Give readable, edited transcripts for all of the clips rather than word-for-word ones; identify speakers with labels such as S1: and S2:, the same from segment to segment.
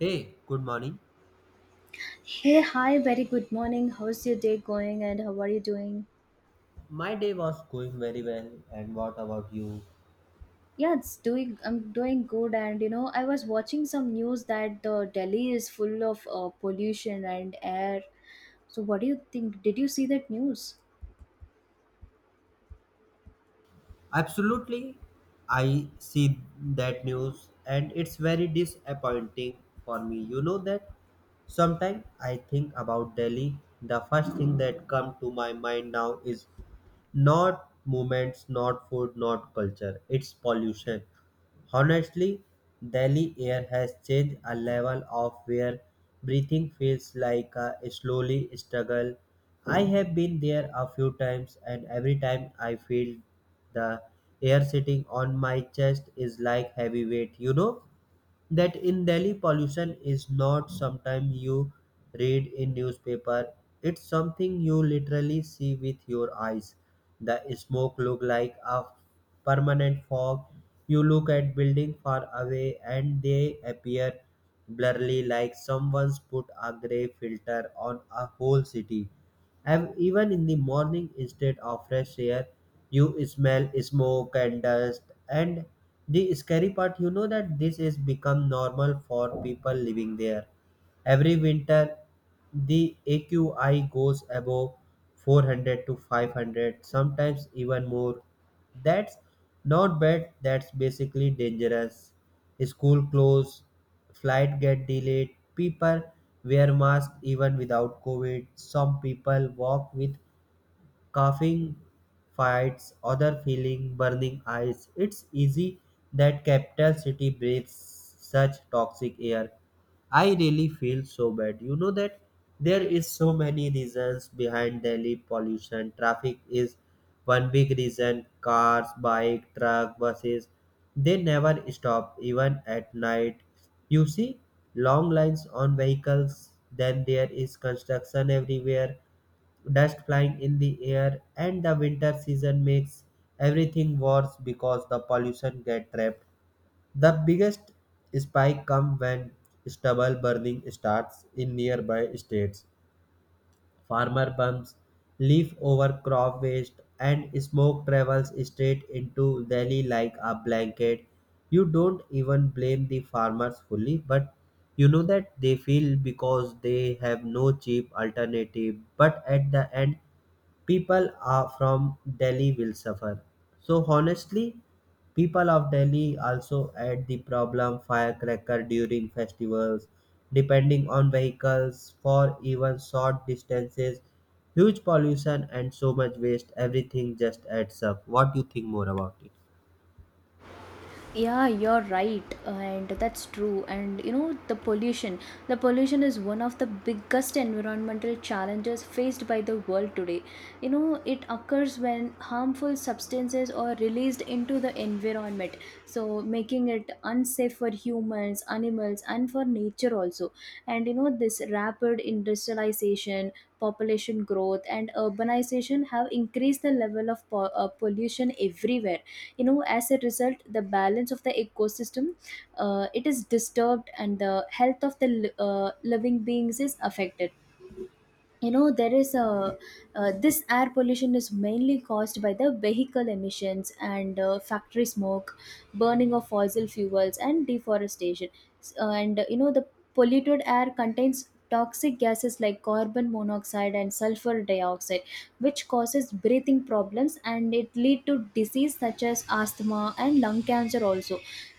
S1: Hey, good morning.
S2: Hey, hi, very good morning. How's your day going and how are you doing?
S1: My day was going very well, and what about you?
S2: I'm doing good. And you know, I was watching some news that Delhi is full of pollution and air. So, what do you think? Did you see that news?
S1: Absolutely, I see that news and it's very disappointing for me. You know that sometimes I think about Delhi. The first thing that comes to my mind now is not movements, not food, not culture. It's pollution. Honestly, Delhi air has changed a level of where breathing feels like a slowly struggle. I have been there a few times, and every time I feel the air sitting on my chest is like heavy weight, you know? That in Delhi pollution is not sometimes you read in newspaper. It's something you literally see with your eyes. The smoke look like a permanent fog. You look at building far away and they appear blurry like someone's put a gray filter on a whole city. And even in the morning, instead of fresh air, you smell smoke and dust. And the scary part, you know that this is become normal for people living there. Every winter, the AQI goes above 400 to 500, sometimes even more. That's not bad, that's basically dangerous. School closed, flight get delayed, people wear masks even without COVID. Some people walk with coughing fights, other feeling burning eyes. It's easy that capital city breathes such toxic air. I really feel so bad. You know that there is so many reasons behind Delhi pollution. Traffic is one big reason. Cars, bike, truck, buses, they never stop even at night. You see long lines on vehicles. Then there is construction everywhere, dust flying in the air, and the winter season makes everything worse because the pollution get trapped. The biggest spike comes when stubble burning starts in nearby states. Farmer bumps leaf over crop waste and smoke travels straight into Delhi like a blanket. You don't even blame the farmers fully, but you know that they feel because they have no cheap alternative, but at the end people are from Delhi will suffer. So honestly, people of Delhi also add the problem: firecracker during festivals, depending on vehicles for even short distances, huge pollution and so much waste. Everything just adds up. What do you think more about it?
S2: Yeah, you're right, and that's true. And you know, the pollution is one of the biggest environmental challenges faced by the world today. You know, it occurs when harmful substances are released into the environment, so making it unsafe for humans, animals, and for nature also. And you know, this rapid industrialization, population growth, and urbanization have increased the level of pollution everywhere. You know, as a result, the balance of the ecosystem, it is disturbed and the health of the living beings is affected. You know, there is a this air pollution is mainly caused by the vehicle emissions and factory smoke, burning of fossil fuels, and deforestation. S- and You know, the polluted air contains toxic gases like carbon monoxide and sulfur dioxide, which causes breathing problems and it lead to disease such as asthma and lung cancer also.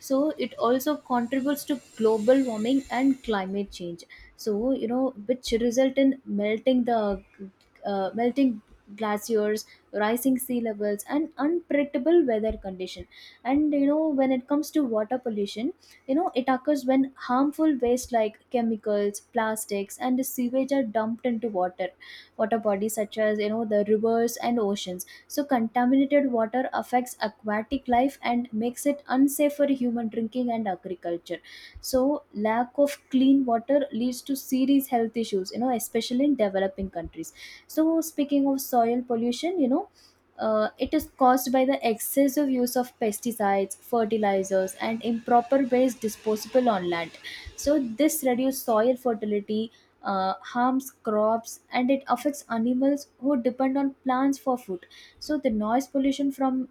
S2: So it also contributes to global warming and climate change. So you know, which result in melting the melting glaciers, rising sea levels, and unpredictable weather condition. And you know, when it comes to water pollution, you know it occurs when harmful waste like chemicals, plastics, and sewage are dumped into water. Water bodies such as, you know, the rivers and oceans, so contaminated water affects aquatic life and makes it unsafe for human drinking and agriculture. So lack of clean water leads to serious health issues, you know, especially in developing countries. So speaking of soil pollution, you know, it is caused by the excessive use of pesticides, fertilizers, and improper waste disposable on land. So this reduces soil fertility, harms crops, and it affects animals who depend on plants for food. So the noise pollution from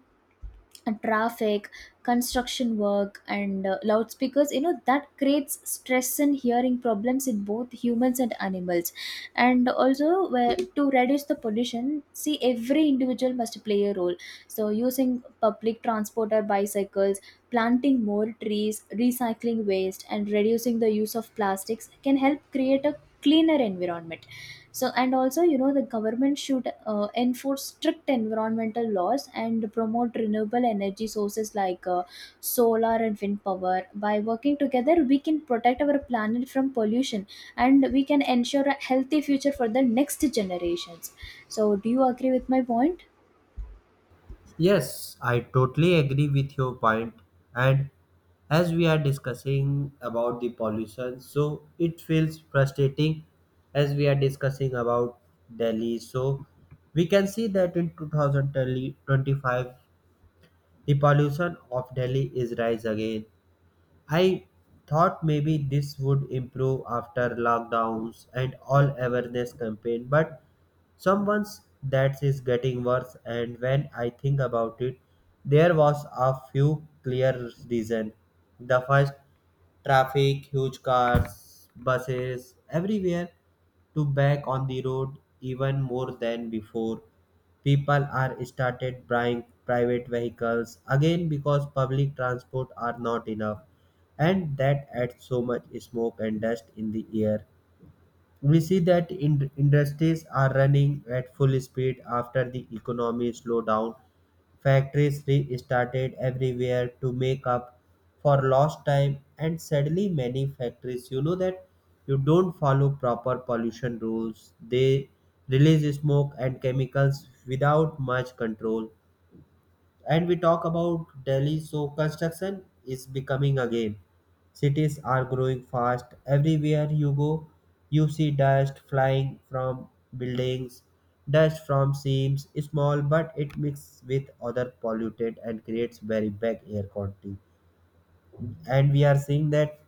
S2: traffic, construction work, and loudspeakers, you know, that creates stress and hearing problems in both humans and animals. And also, where to reduce the pollution, see, every individual must play a role. So, using public transport or bicycles, planting more trees, recycling waste, and reducing the use of plastics can help create a cleaner environment. So, and also, you know, the government should enforce strict environmental laws and promote renewable energy sources like solar and wind power. By working together, we can protect our planet from pollution and we can ensure a healthy future for the next generations. So, do you agree with my point?
S1: Yes, I totally agree with your point. And as we are discussing about the pollution, so it feels frustrating as we are discussing about Delhi. So we can see that in 2025, the pollution of Delhi is rise again. I thought maybe this would improve after lockdowns and all awareness campaign, but someone's that is getting worse, and when I think about it, there was a few clear reason. The first, traffic. Huge cars, buses, everywhere to back on the road even more than before. People are started buying private vehicles again because public transport are not enough, and that adds so much smoke and dust in the air. We see that in, industries are running at full speed after the economy slowed down. Factories restarted everywhere to make up for lost time, and sadly, many factories, that you don't follow proper pollution rules. They release smoke and chemicals without much control. And we talk about Delhi, so construction is becoming again. Cities are growing fast. Everywhere you go, you see dust flying from buildings, dust from seams, small, but it mixes with other polluted and creates very bad air quality. And we are seeing that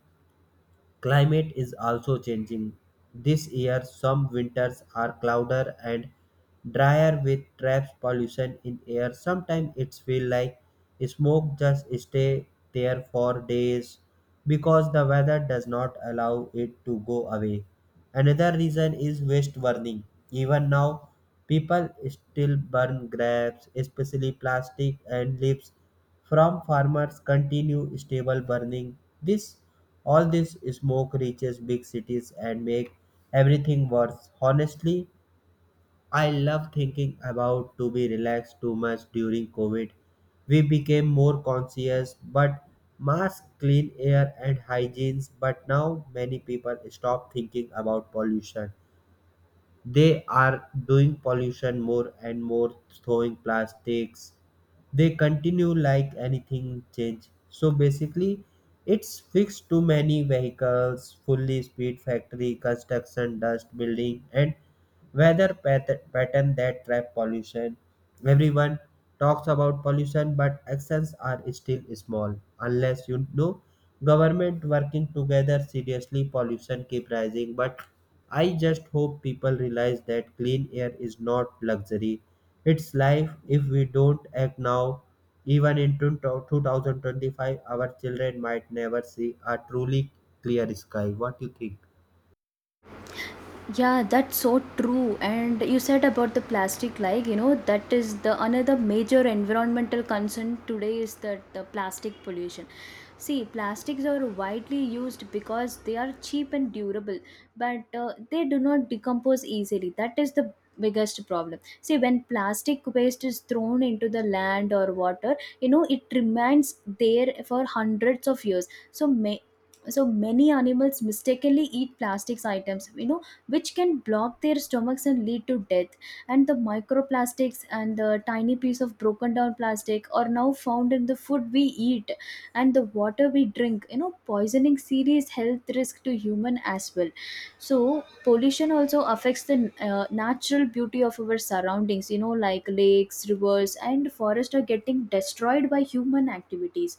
S1: climate is also changing. This year, some winters are cloudier and drier, with traps pollution in air. Sometimes it feels like smoke just stay there for days because the weather does not allow it to go away. Another reason is waste burning. Even now, people still burn grapes, especially plastic and leaves. From farmers continue stable burning, this all this smoke reaches big cities and make everything worse. Honestly, I love thinking about to be relaxed too much during COVID. We became more conscious, but mask, clean air and hygiene, but now many people stop thinking about pollution. They are doing pollution more and more, throwing plastics. They continue like anything change. So basically it's fixed: too many vehicles, fully speed factory, construction dust building, and weather pattern that trap pollution. Everyone talks about pollution, but actions are still small. Unless, you know, government working together seriously, pollution keep rising. But I just hope people realize that clean air is not luxury, it's life. If we don't act now, even in 2025, our children might never see a truly clear sky. What do you think?
S2: Yeah, that's so true. And you said about the plastic, like, you know, that is the another major environmental concern today is that the plastic pollution. See, plastics are widely used because they are cheap and durable, but they do not decompose easily. That is the biggest problem. See, when plastic waste is thrown into the land or water, you know, it remains there for hundreds of years. So many animals mistakenly eat plastics items, you know, which can block their stomachs and lead to death. And the microplastics and the tiny piece of broken down plastic are now found in the food we eat and the water we drink, you know, poisoning serious health risk to human as well. So pollution also affects the natural beauty of our surroundings, you know, like lakes, rivers, and forests are getting destroyed by human activities.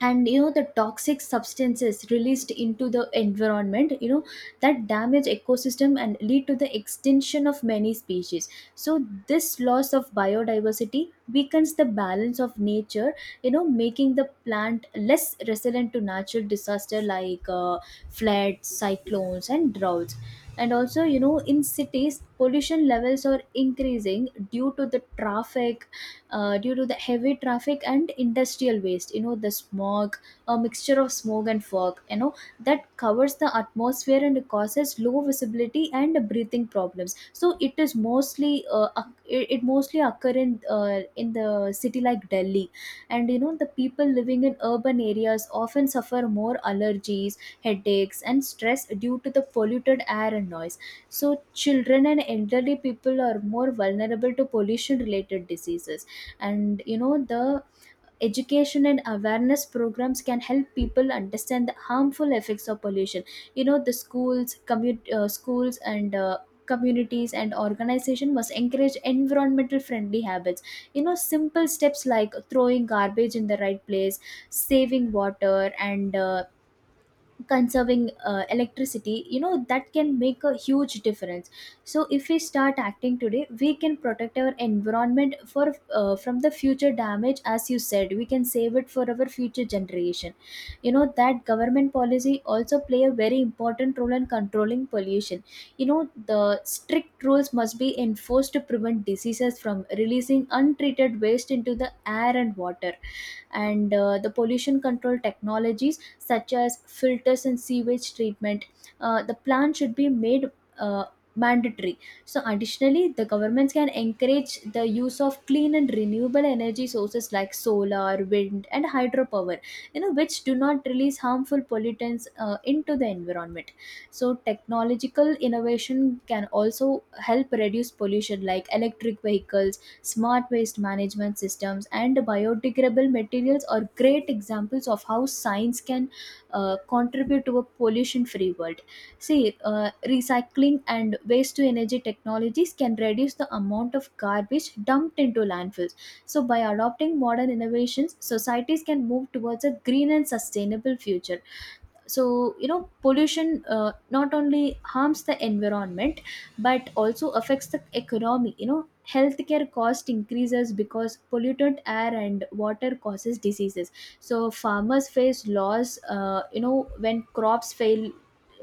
S2: And you know, the toxic substances released into the environment, you know, that damage ecosystem and lead to the extinction of many species. So this loss of biodiversity weakens the balance of nature, you know, making the plant less resilient to natural disaster like floods, cyclones, and droughts. And also, you know, in cities pollution levels are increasing due to the traffic, due to the heavy traffic and industrial waste. You know, the smog, a mixture of smog and fog, you know, that covers the atmosphere and causes low visibility and breathing problems. So it is mostly oc- it mostly occur in the city like Delhi. And you know, the people living in urban areas often suffer more allergies, headaches, and stress due to the polluted air and noise. So children and elderly people are more vulnerable to pollution related diseases. And you know, the education and awareness programs can help people understand the harmful effects of pollution. You know, the schools and communities and organization must encourage environmental friendly habits. You know, simple steps like throwing garbage in the right place, saving water, and conserving electricity, you know, that can make a huge difference. So if we start acting today, we can protect our environment for from the future damage. As you said, we can save it for our future generation. You know that government policy also play a very important role in controlling pollution. You know, the strict rules must be enforced to prevent diseases from releasing untreated waste into the air and water. And the pollution control technologies such as filters and sewage treatment, the plan should be made uh, mandatory. So, additionally, the governments can encourage the use of clean and renewable energy sources like solar, wind, and hydropower, you know, which do not release harmful pollutants into the environment. So, technological innovation can also help reduce pollution, like electric vehicles, smart waste management systems, and biodegradable materials are great examples of how science can contribute to a pollution free world. See, recycling and waste to energy technologies can reduce the amount of garbage dumped into landfills. So, by adopting modern innovations, societies can move towards a green and sustainable future. So you know, pollution not only harms the environment, but also affects the economy. You know, healthcare cost increases because polluted air and water causes diseases. So farmers face loss, you know, when crops fail,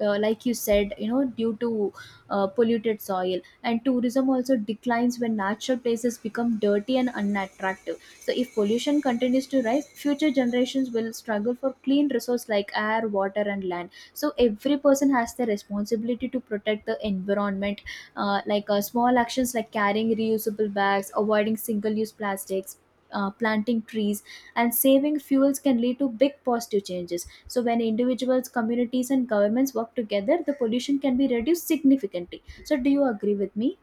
S2: like you said, you know, due to polluted soil. And tourism also declines when natural places become dirty and unattractive. So if pollution continues to rise, future generations will struggle for clean resource like air, water, and land. So every person has the responsibility to protect the environment. Like small actions like carrying reusable bags, avoiding single-use plastics. Planting trees and saving fuels can lead to big positive changes. So, when individuals, communities, and governments work together, the pollution can be reduced significantly. So, do you agree with me?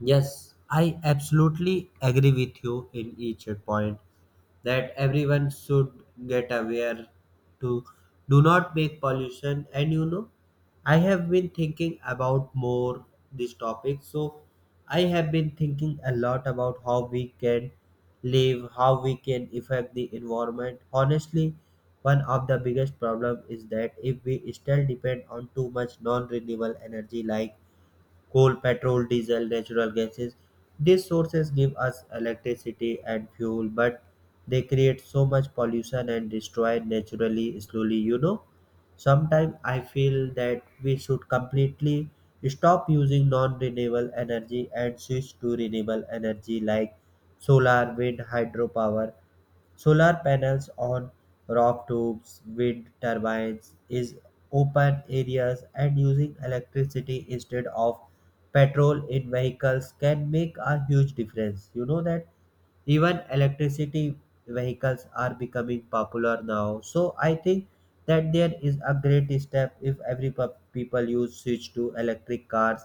S1: Yes, I absolutely agree with you in each point that everyone should get aware to do not make pollution. And you know, I have been thinking about more this topic. So I have been thinking a lot about how we can live, how we can affect the environment. Honestly, one of the biggest problem is that if we still depend on too much non renewable energy like coal, petrol, diesel, natural gases. These sources give us electricity and fuel, but they create so much pollution and destroy naturally slowly. Sometimes I feel that we should completely stop using non renewable energy and switch to renewable energy like solar, wind, hydropower. Solar panels on rooftops, wind turbines in open areas, and using electricity instead of petrol in vehicles can make a huge difference. You know that even electricity vehicles are becoming popular now. So I think that there is a great step. If every people use switch to electric cars,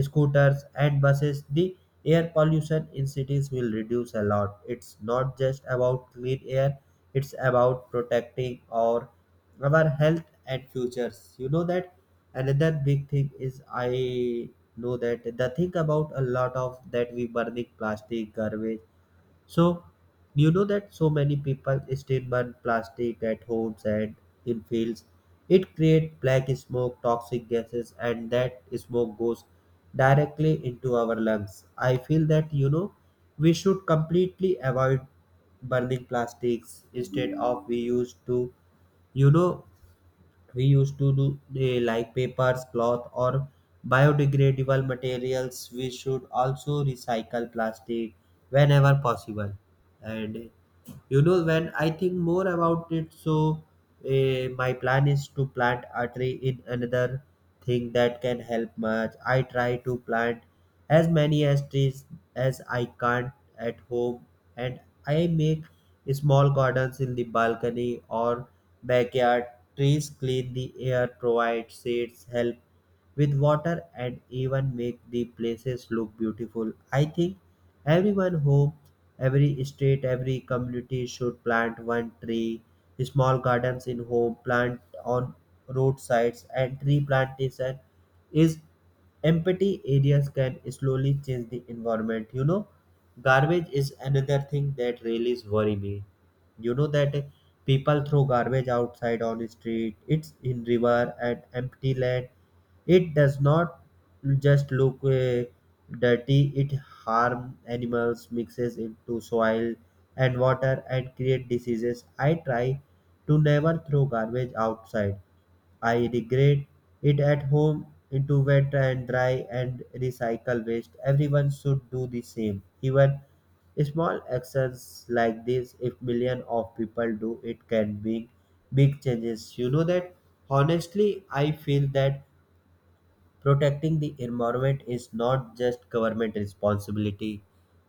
S1: scooters and buses, the air pollution in cities will reduce a lot. It's not just about clean air, it's about protecting our health and futures. You know that another big thing is, I know that the thing about a lot of that we burning plastic garbage. So, you know that so many people still burn plastic at homes and in fields. It creates black smoke, toxic gases, and that smoke goes directly into our lungs. I feel that we should completely avoid burning plastics. Instead of you know we used to do like papers, cloth, or biodegradable materials, we should also recycle plastic whenever possible. And you know, when I think more about it, so my plan is to plant a tree. In another thing that can help much, I try to plant as many as trees as I can at home. And I make small gardens in the balcony or backyard. Trees clean the air, provide shades, help with water and even make the places look beautiful. I think everyone home, every state, every community should plant one tree, small gardens in home, plant on roadsides, and tree plantation is empty areas can slowly change the environment. You know, garbage is another thing that really worry me. You know that people throw garbage outside on the street, it's in river and empty land. It does not just look dirty, it harm animals, mixes into soil and water, and create diseases. I try to never throw garbage outside. I degrade it at home into wet and dry and recycle waste. Everyone should do the same. Even small actions like this, if million of people do it, can bring big changes. You know that honestly, I feel that protecting the environment is not just government responsibility.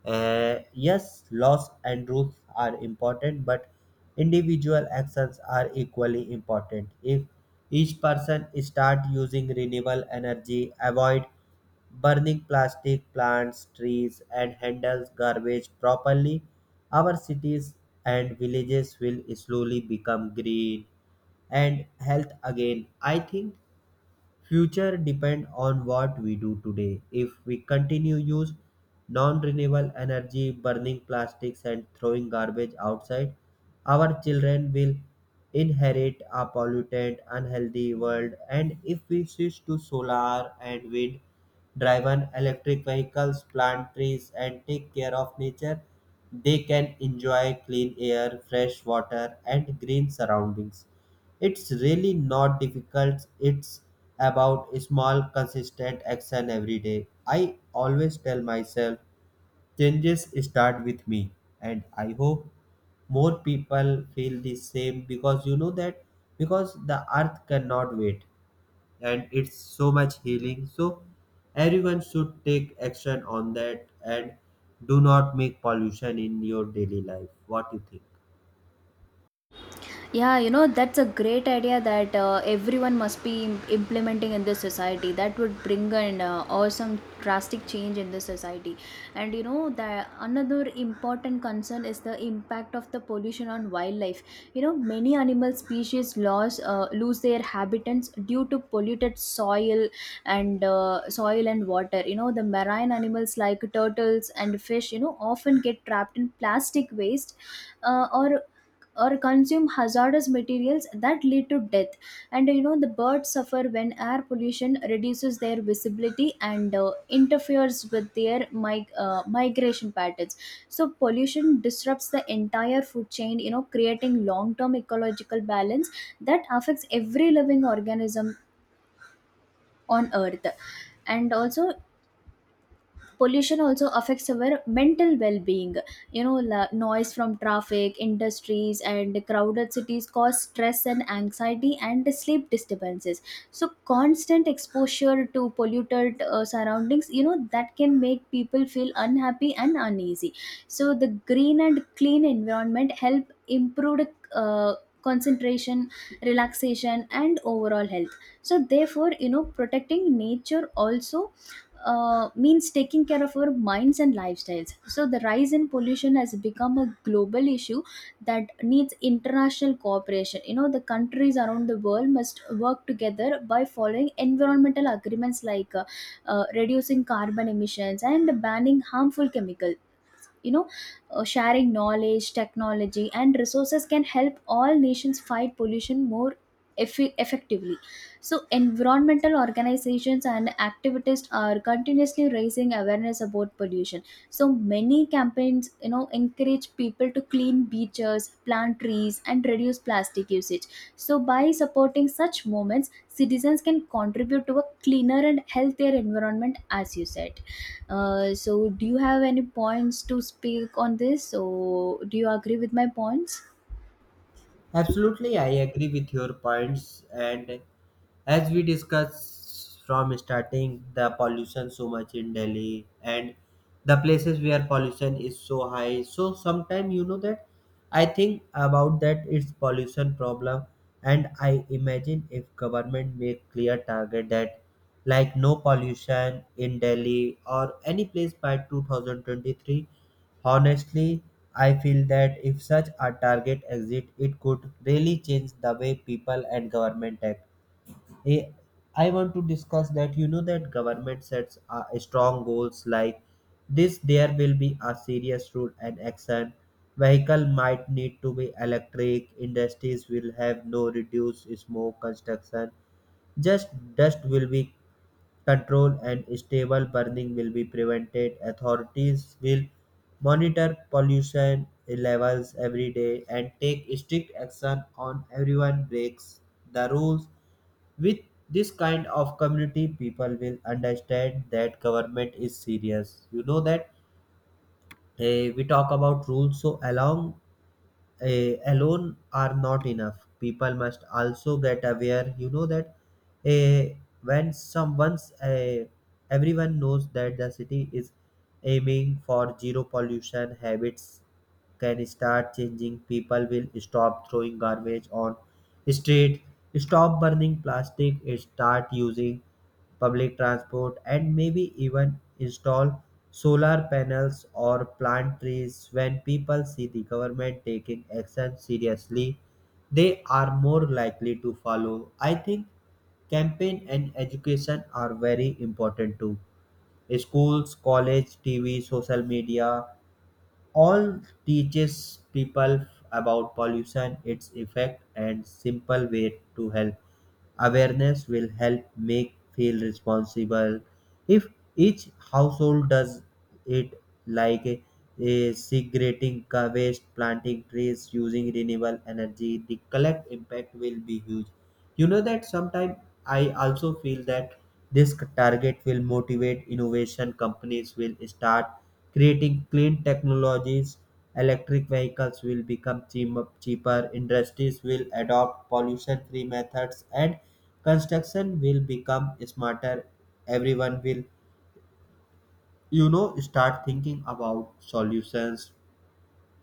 S1: Yes, laws and rules are important, but individual actions are equally important. If each person start using renewable energy, avoid burning plastic, plants, trees, and handles garbage properly, our cities and villages will slowly become green and health again. I think future depend on what we do today. If we continue use non-renewable energy, burning plastics and throwing garbage outside, our children will inherit a polluted, unhealthy world. And if we switch to solar and wind driven electric vehicles, plant trees and take care of nature, they can enjoy clean air, fresh water and green surroundings. It's really not difficult. It's about small, consistent action every day. I always tell myself changes start with me, and I hope more people feel the same. Because you know that, because the earth cannot wait and it's so much healing. So, everyone should take action on that and do not make pollution in your daily life. What do you think?
S2: Yeah, you know, that's a great idea that everyone must be implementing in this society. That would bring an awesome, drastic change in the society. And you know, the another important concern is the impact of the pollution on wildlife. You know, many animal species lose their habitats due to polluted soil and soil and water. You know, the marine animals like turtles and fish, you know, often get trapped in plastic waste uh, or or consume hazardous materials that lead to death. And you know, the birds suffer when air pollution reduces their visibility and interferes with their migration patterns. So pollution disrupts the entire food chain, you know, creating long term ecological balance that affects every living organism on earth. And also, pollution also affects our mental well-being. You know, noise from traffic, industries, and crowded cities cause stress and anxiety and sleep disturbances. So constant exposure to polluted surroundings, you know, that can make people feel unhappy and uneasy. So the green and clean environment help improve uh, concentration, relaxation, and overall health. So therefore, you know, protecting nature also means taking care of our minds and lifestyles. So, the rise in pollution has become a global issue that needs international cooperation. You know, the countries around the world must work together by following environmental agreements like reducing carbon emissions and banning harmful chemicals. You know, sharing knowledge, technology, and resources can help all nations fight pollution more effectively. So environmental organizations and activists are continuously raising awareness about pollution. So many campaigns, you know, encourage people to clean beaches, plant trees, and reduce plastic usage. So by supporting such movements, citizens can contribute to a cleaner and healthier environment, as you said. So, do you have any points to speak on this? So, do you agree with my points?
S1: Absolutely, I agree with your points. And as we discussed from starting, the pollution so much in Delhi and the places where pollution is so high. So sometimes you know that I think about that it's pollution problem, and I imagine if government make clear target that like no pollution in Delhi or any place by 2023. Honestly, I feel that if such a target exists, it could really change the way people and government act. Eh, I want to discuss that you know that government sets strong goals like this. There will be a serious rule and action. Vehicle might need to be electric, industries will have no reduced smoke, construction just dust will be control, and stable burning will be prevented. Authorities will monitor pollution levels every day and take strict action on everyone breaks the rules. With this kind of community, people will understand that government is serious. You know that, we talk about rules, so alone are not enough. People must also get aware. You know that, eh, when someone's eh, everyone knows that the city is aiming for zero pollution, habits can start changing. People will stop throwing garbage on street, stop burning plastic, start using public transport, and maybe even install solar panels or plant trees. When people see the government taking action seriously, they are more likely to follow. I think campaign and education are very important too. Schools, college, TV, social media, all teaches people about pollution, its effect, and simple way to help. Awareness will help make feel responsible. If each household does it like a segregating waste, planting trees, using renewable energy, the collect impact will be huge. You know that sometimes I also feel that this target will motivate innovation. Companies will start creating clean technologies. Electric vehicles will become cheaper. Industries will adopt pollution-free methods, and construction will become smarter. Everyone will start thinking about solutions,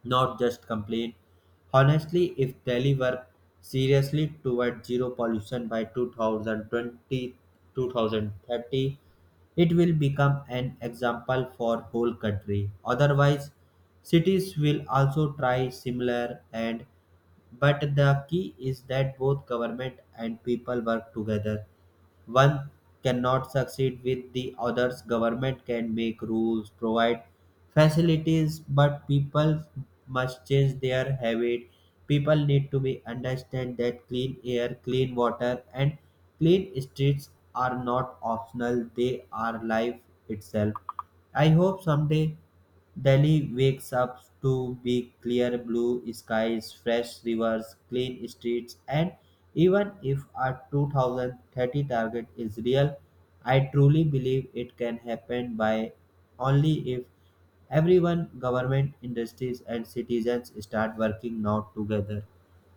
S1: not just complain. Honestly, if Delhi worked seriously toward zero pollution by 2020, 2030, it will become an example for whole country. Otherwise, cities will also try similar. And but the key is that both government and people work together. One cannot succeed with the others. Government can make rules, provide facilities, but people must change their habit. People need to be understand that clean air, clean water, and clean streets are not optional. They are life itself. I hope someday Delhi wakes up to big clear blue skies, fresh rivers, clean streets, and even if our 2030 target is real, I truly believe it can happen by, only if everyone, government, industries, and citizens start working now together.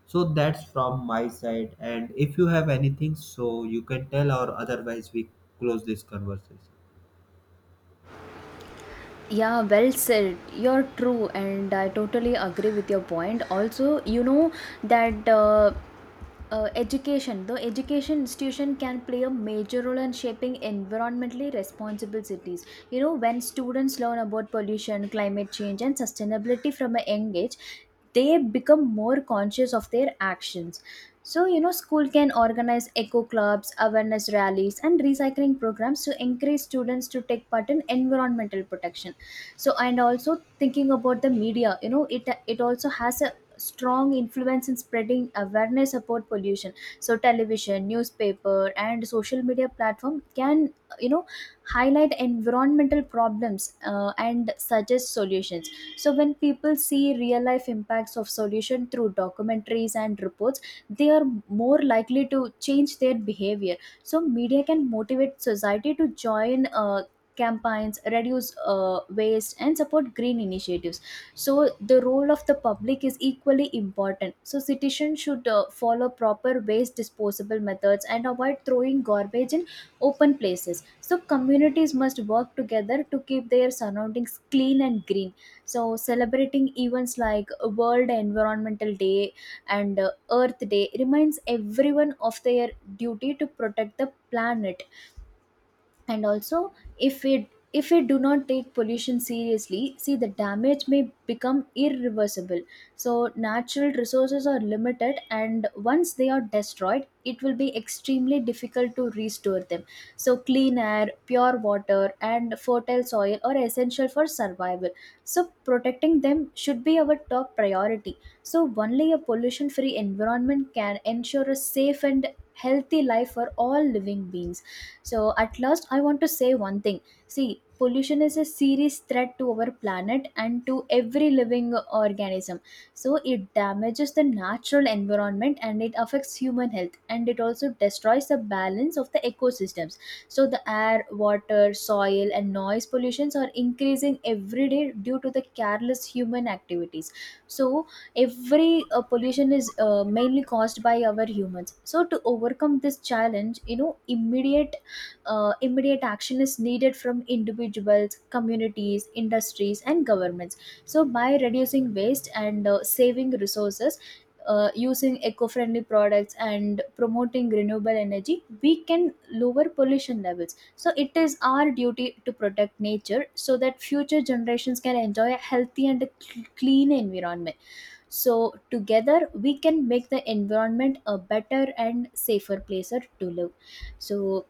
S1: So that's from my side. And if you have anything, so you can tell, or otherwise, we close this conversation.
S2: Yeah, well said. You're true, and I totally agree with your point. Also, you know that education the education institution can play a major role in shaping environmentally responsible cities. You know, when students learn about pollution, climate change, and sustainability from a young age, they become more conscious of their actions. So you know, school can organize eco clubs, awareness rallies, and recycling programs to encourage students to take part in environmental protection. So and also, thinking about the media, you know, it also has a strong influence in spreading awareness about pollution. So television, newspaper, and social media platform can, you know, highlight environmental problems and suggest solutions. So when people see real life impacts of solution through documentaries and reports, they are more likely to change their behavior. So media can motivate society to join campaigns, reduce waste, and support green initiatives. So the role of the public is equally important. So citizens should follow proper waste disposable methods and avoid throwing garbage in open places. So communities must work together to keep their surroundings clean and green. So celebrating events like World Environmental Day and Earth Day reminds everyone of their duty to protect the planet. And also, if we if we do not take pollution seriously, see, the damage may become irreversible. So natural resources are limited, and once they are destroyed, it will be extremely difficult to restore them. So clean air, pure water, and fertile soil are essential for survival. So protecting them should be our top priority. So only a pollution free environment can ensure a safe and healthy life for all living beings. So, at last, I want to say one thing. See, pollution is a serious threat to our planet and to every living organism. So, it damages the natural environment and it affects human health and it also destroys the balance of the ecosystems. So, the air, water, soil, and noise pollutions are increasing every day due to the careless human activities. So, every pollution is mainly caused by our humans. So to overcome this challenge, you know, immediate action is needed from individuals, communities, industries, and governments. So, by reducing waste and saving resources, using eco friendly products, and promoting renewable energy, we can lower pollution levels. So, it is our duty to protect nature so that future generations can enjoy a healthy and a clean environment. So, together, we can make the environment a better and safer place to live. So,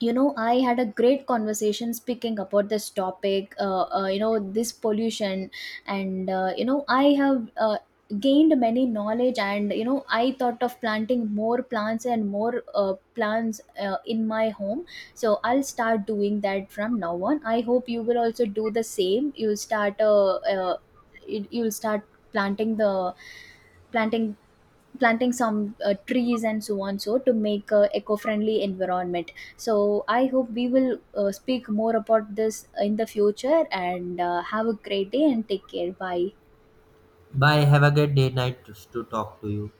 S2: you know, I had a great conversation speaking about this topic, you know, this pollution. And you know, I have gained many knowledge. And you know, I thought of planting more plants and more plants in my home. So I'll start doing that from now on. I hope you will also do the same. You'll start planting the planting planting some trees and so on, so to make a eco-friendly environment. So I hope we will speak more about this in the future. And have a great day and take care, bye.
S1: Bye. Have a great day, night to talk to you.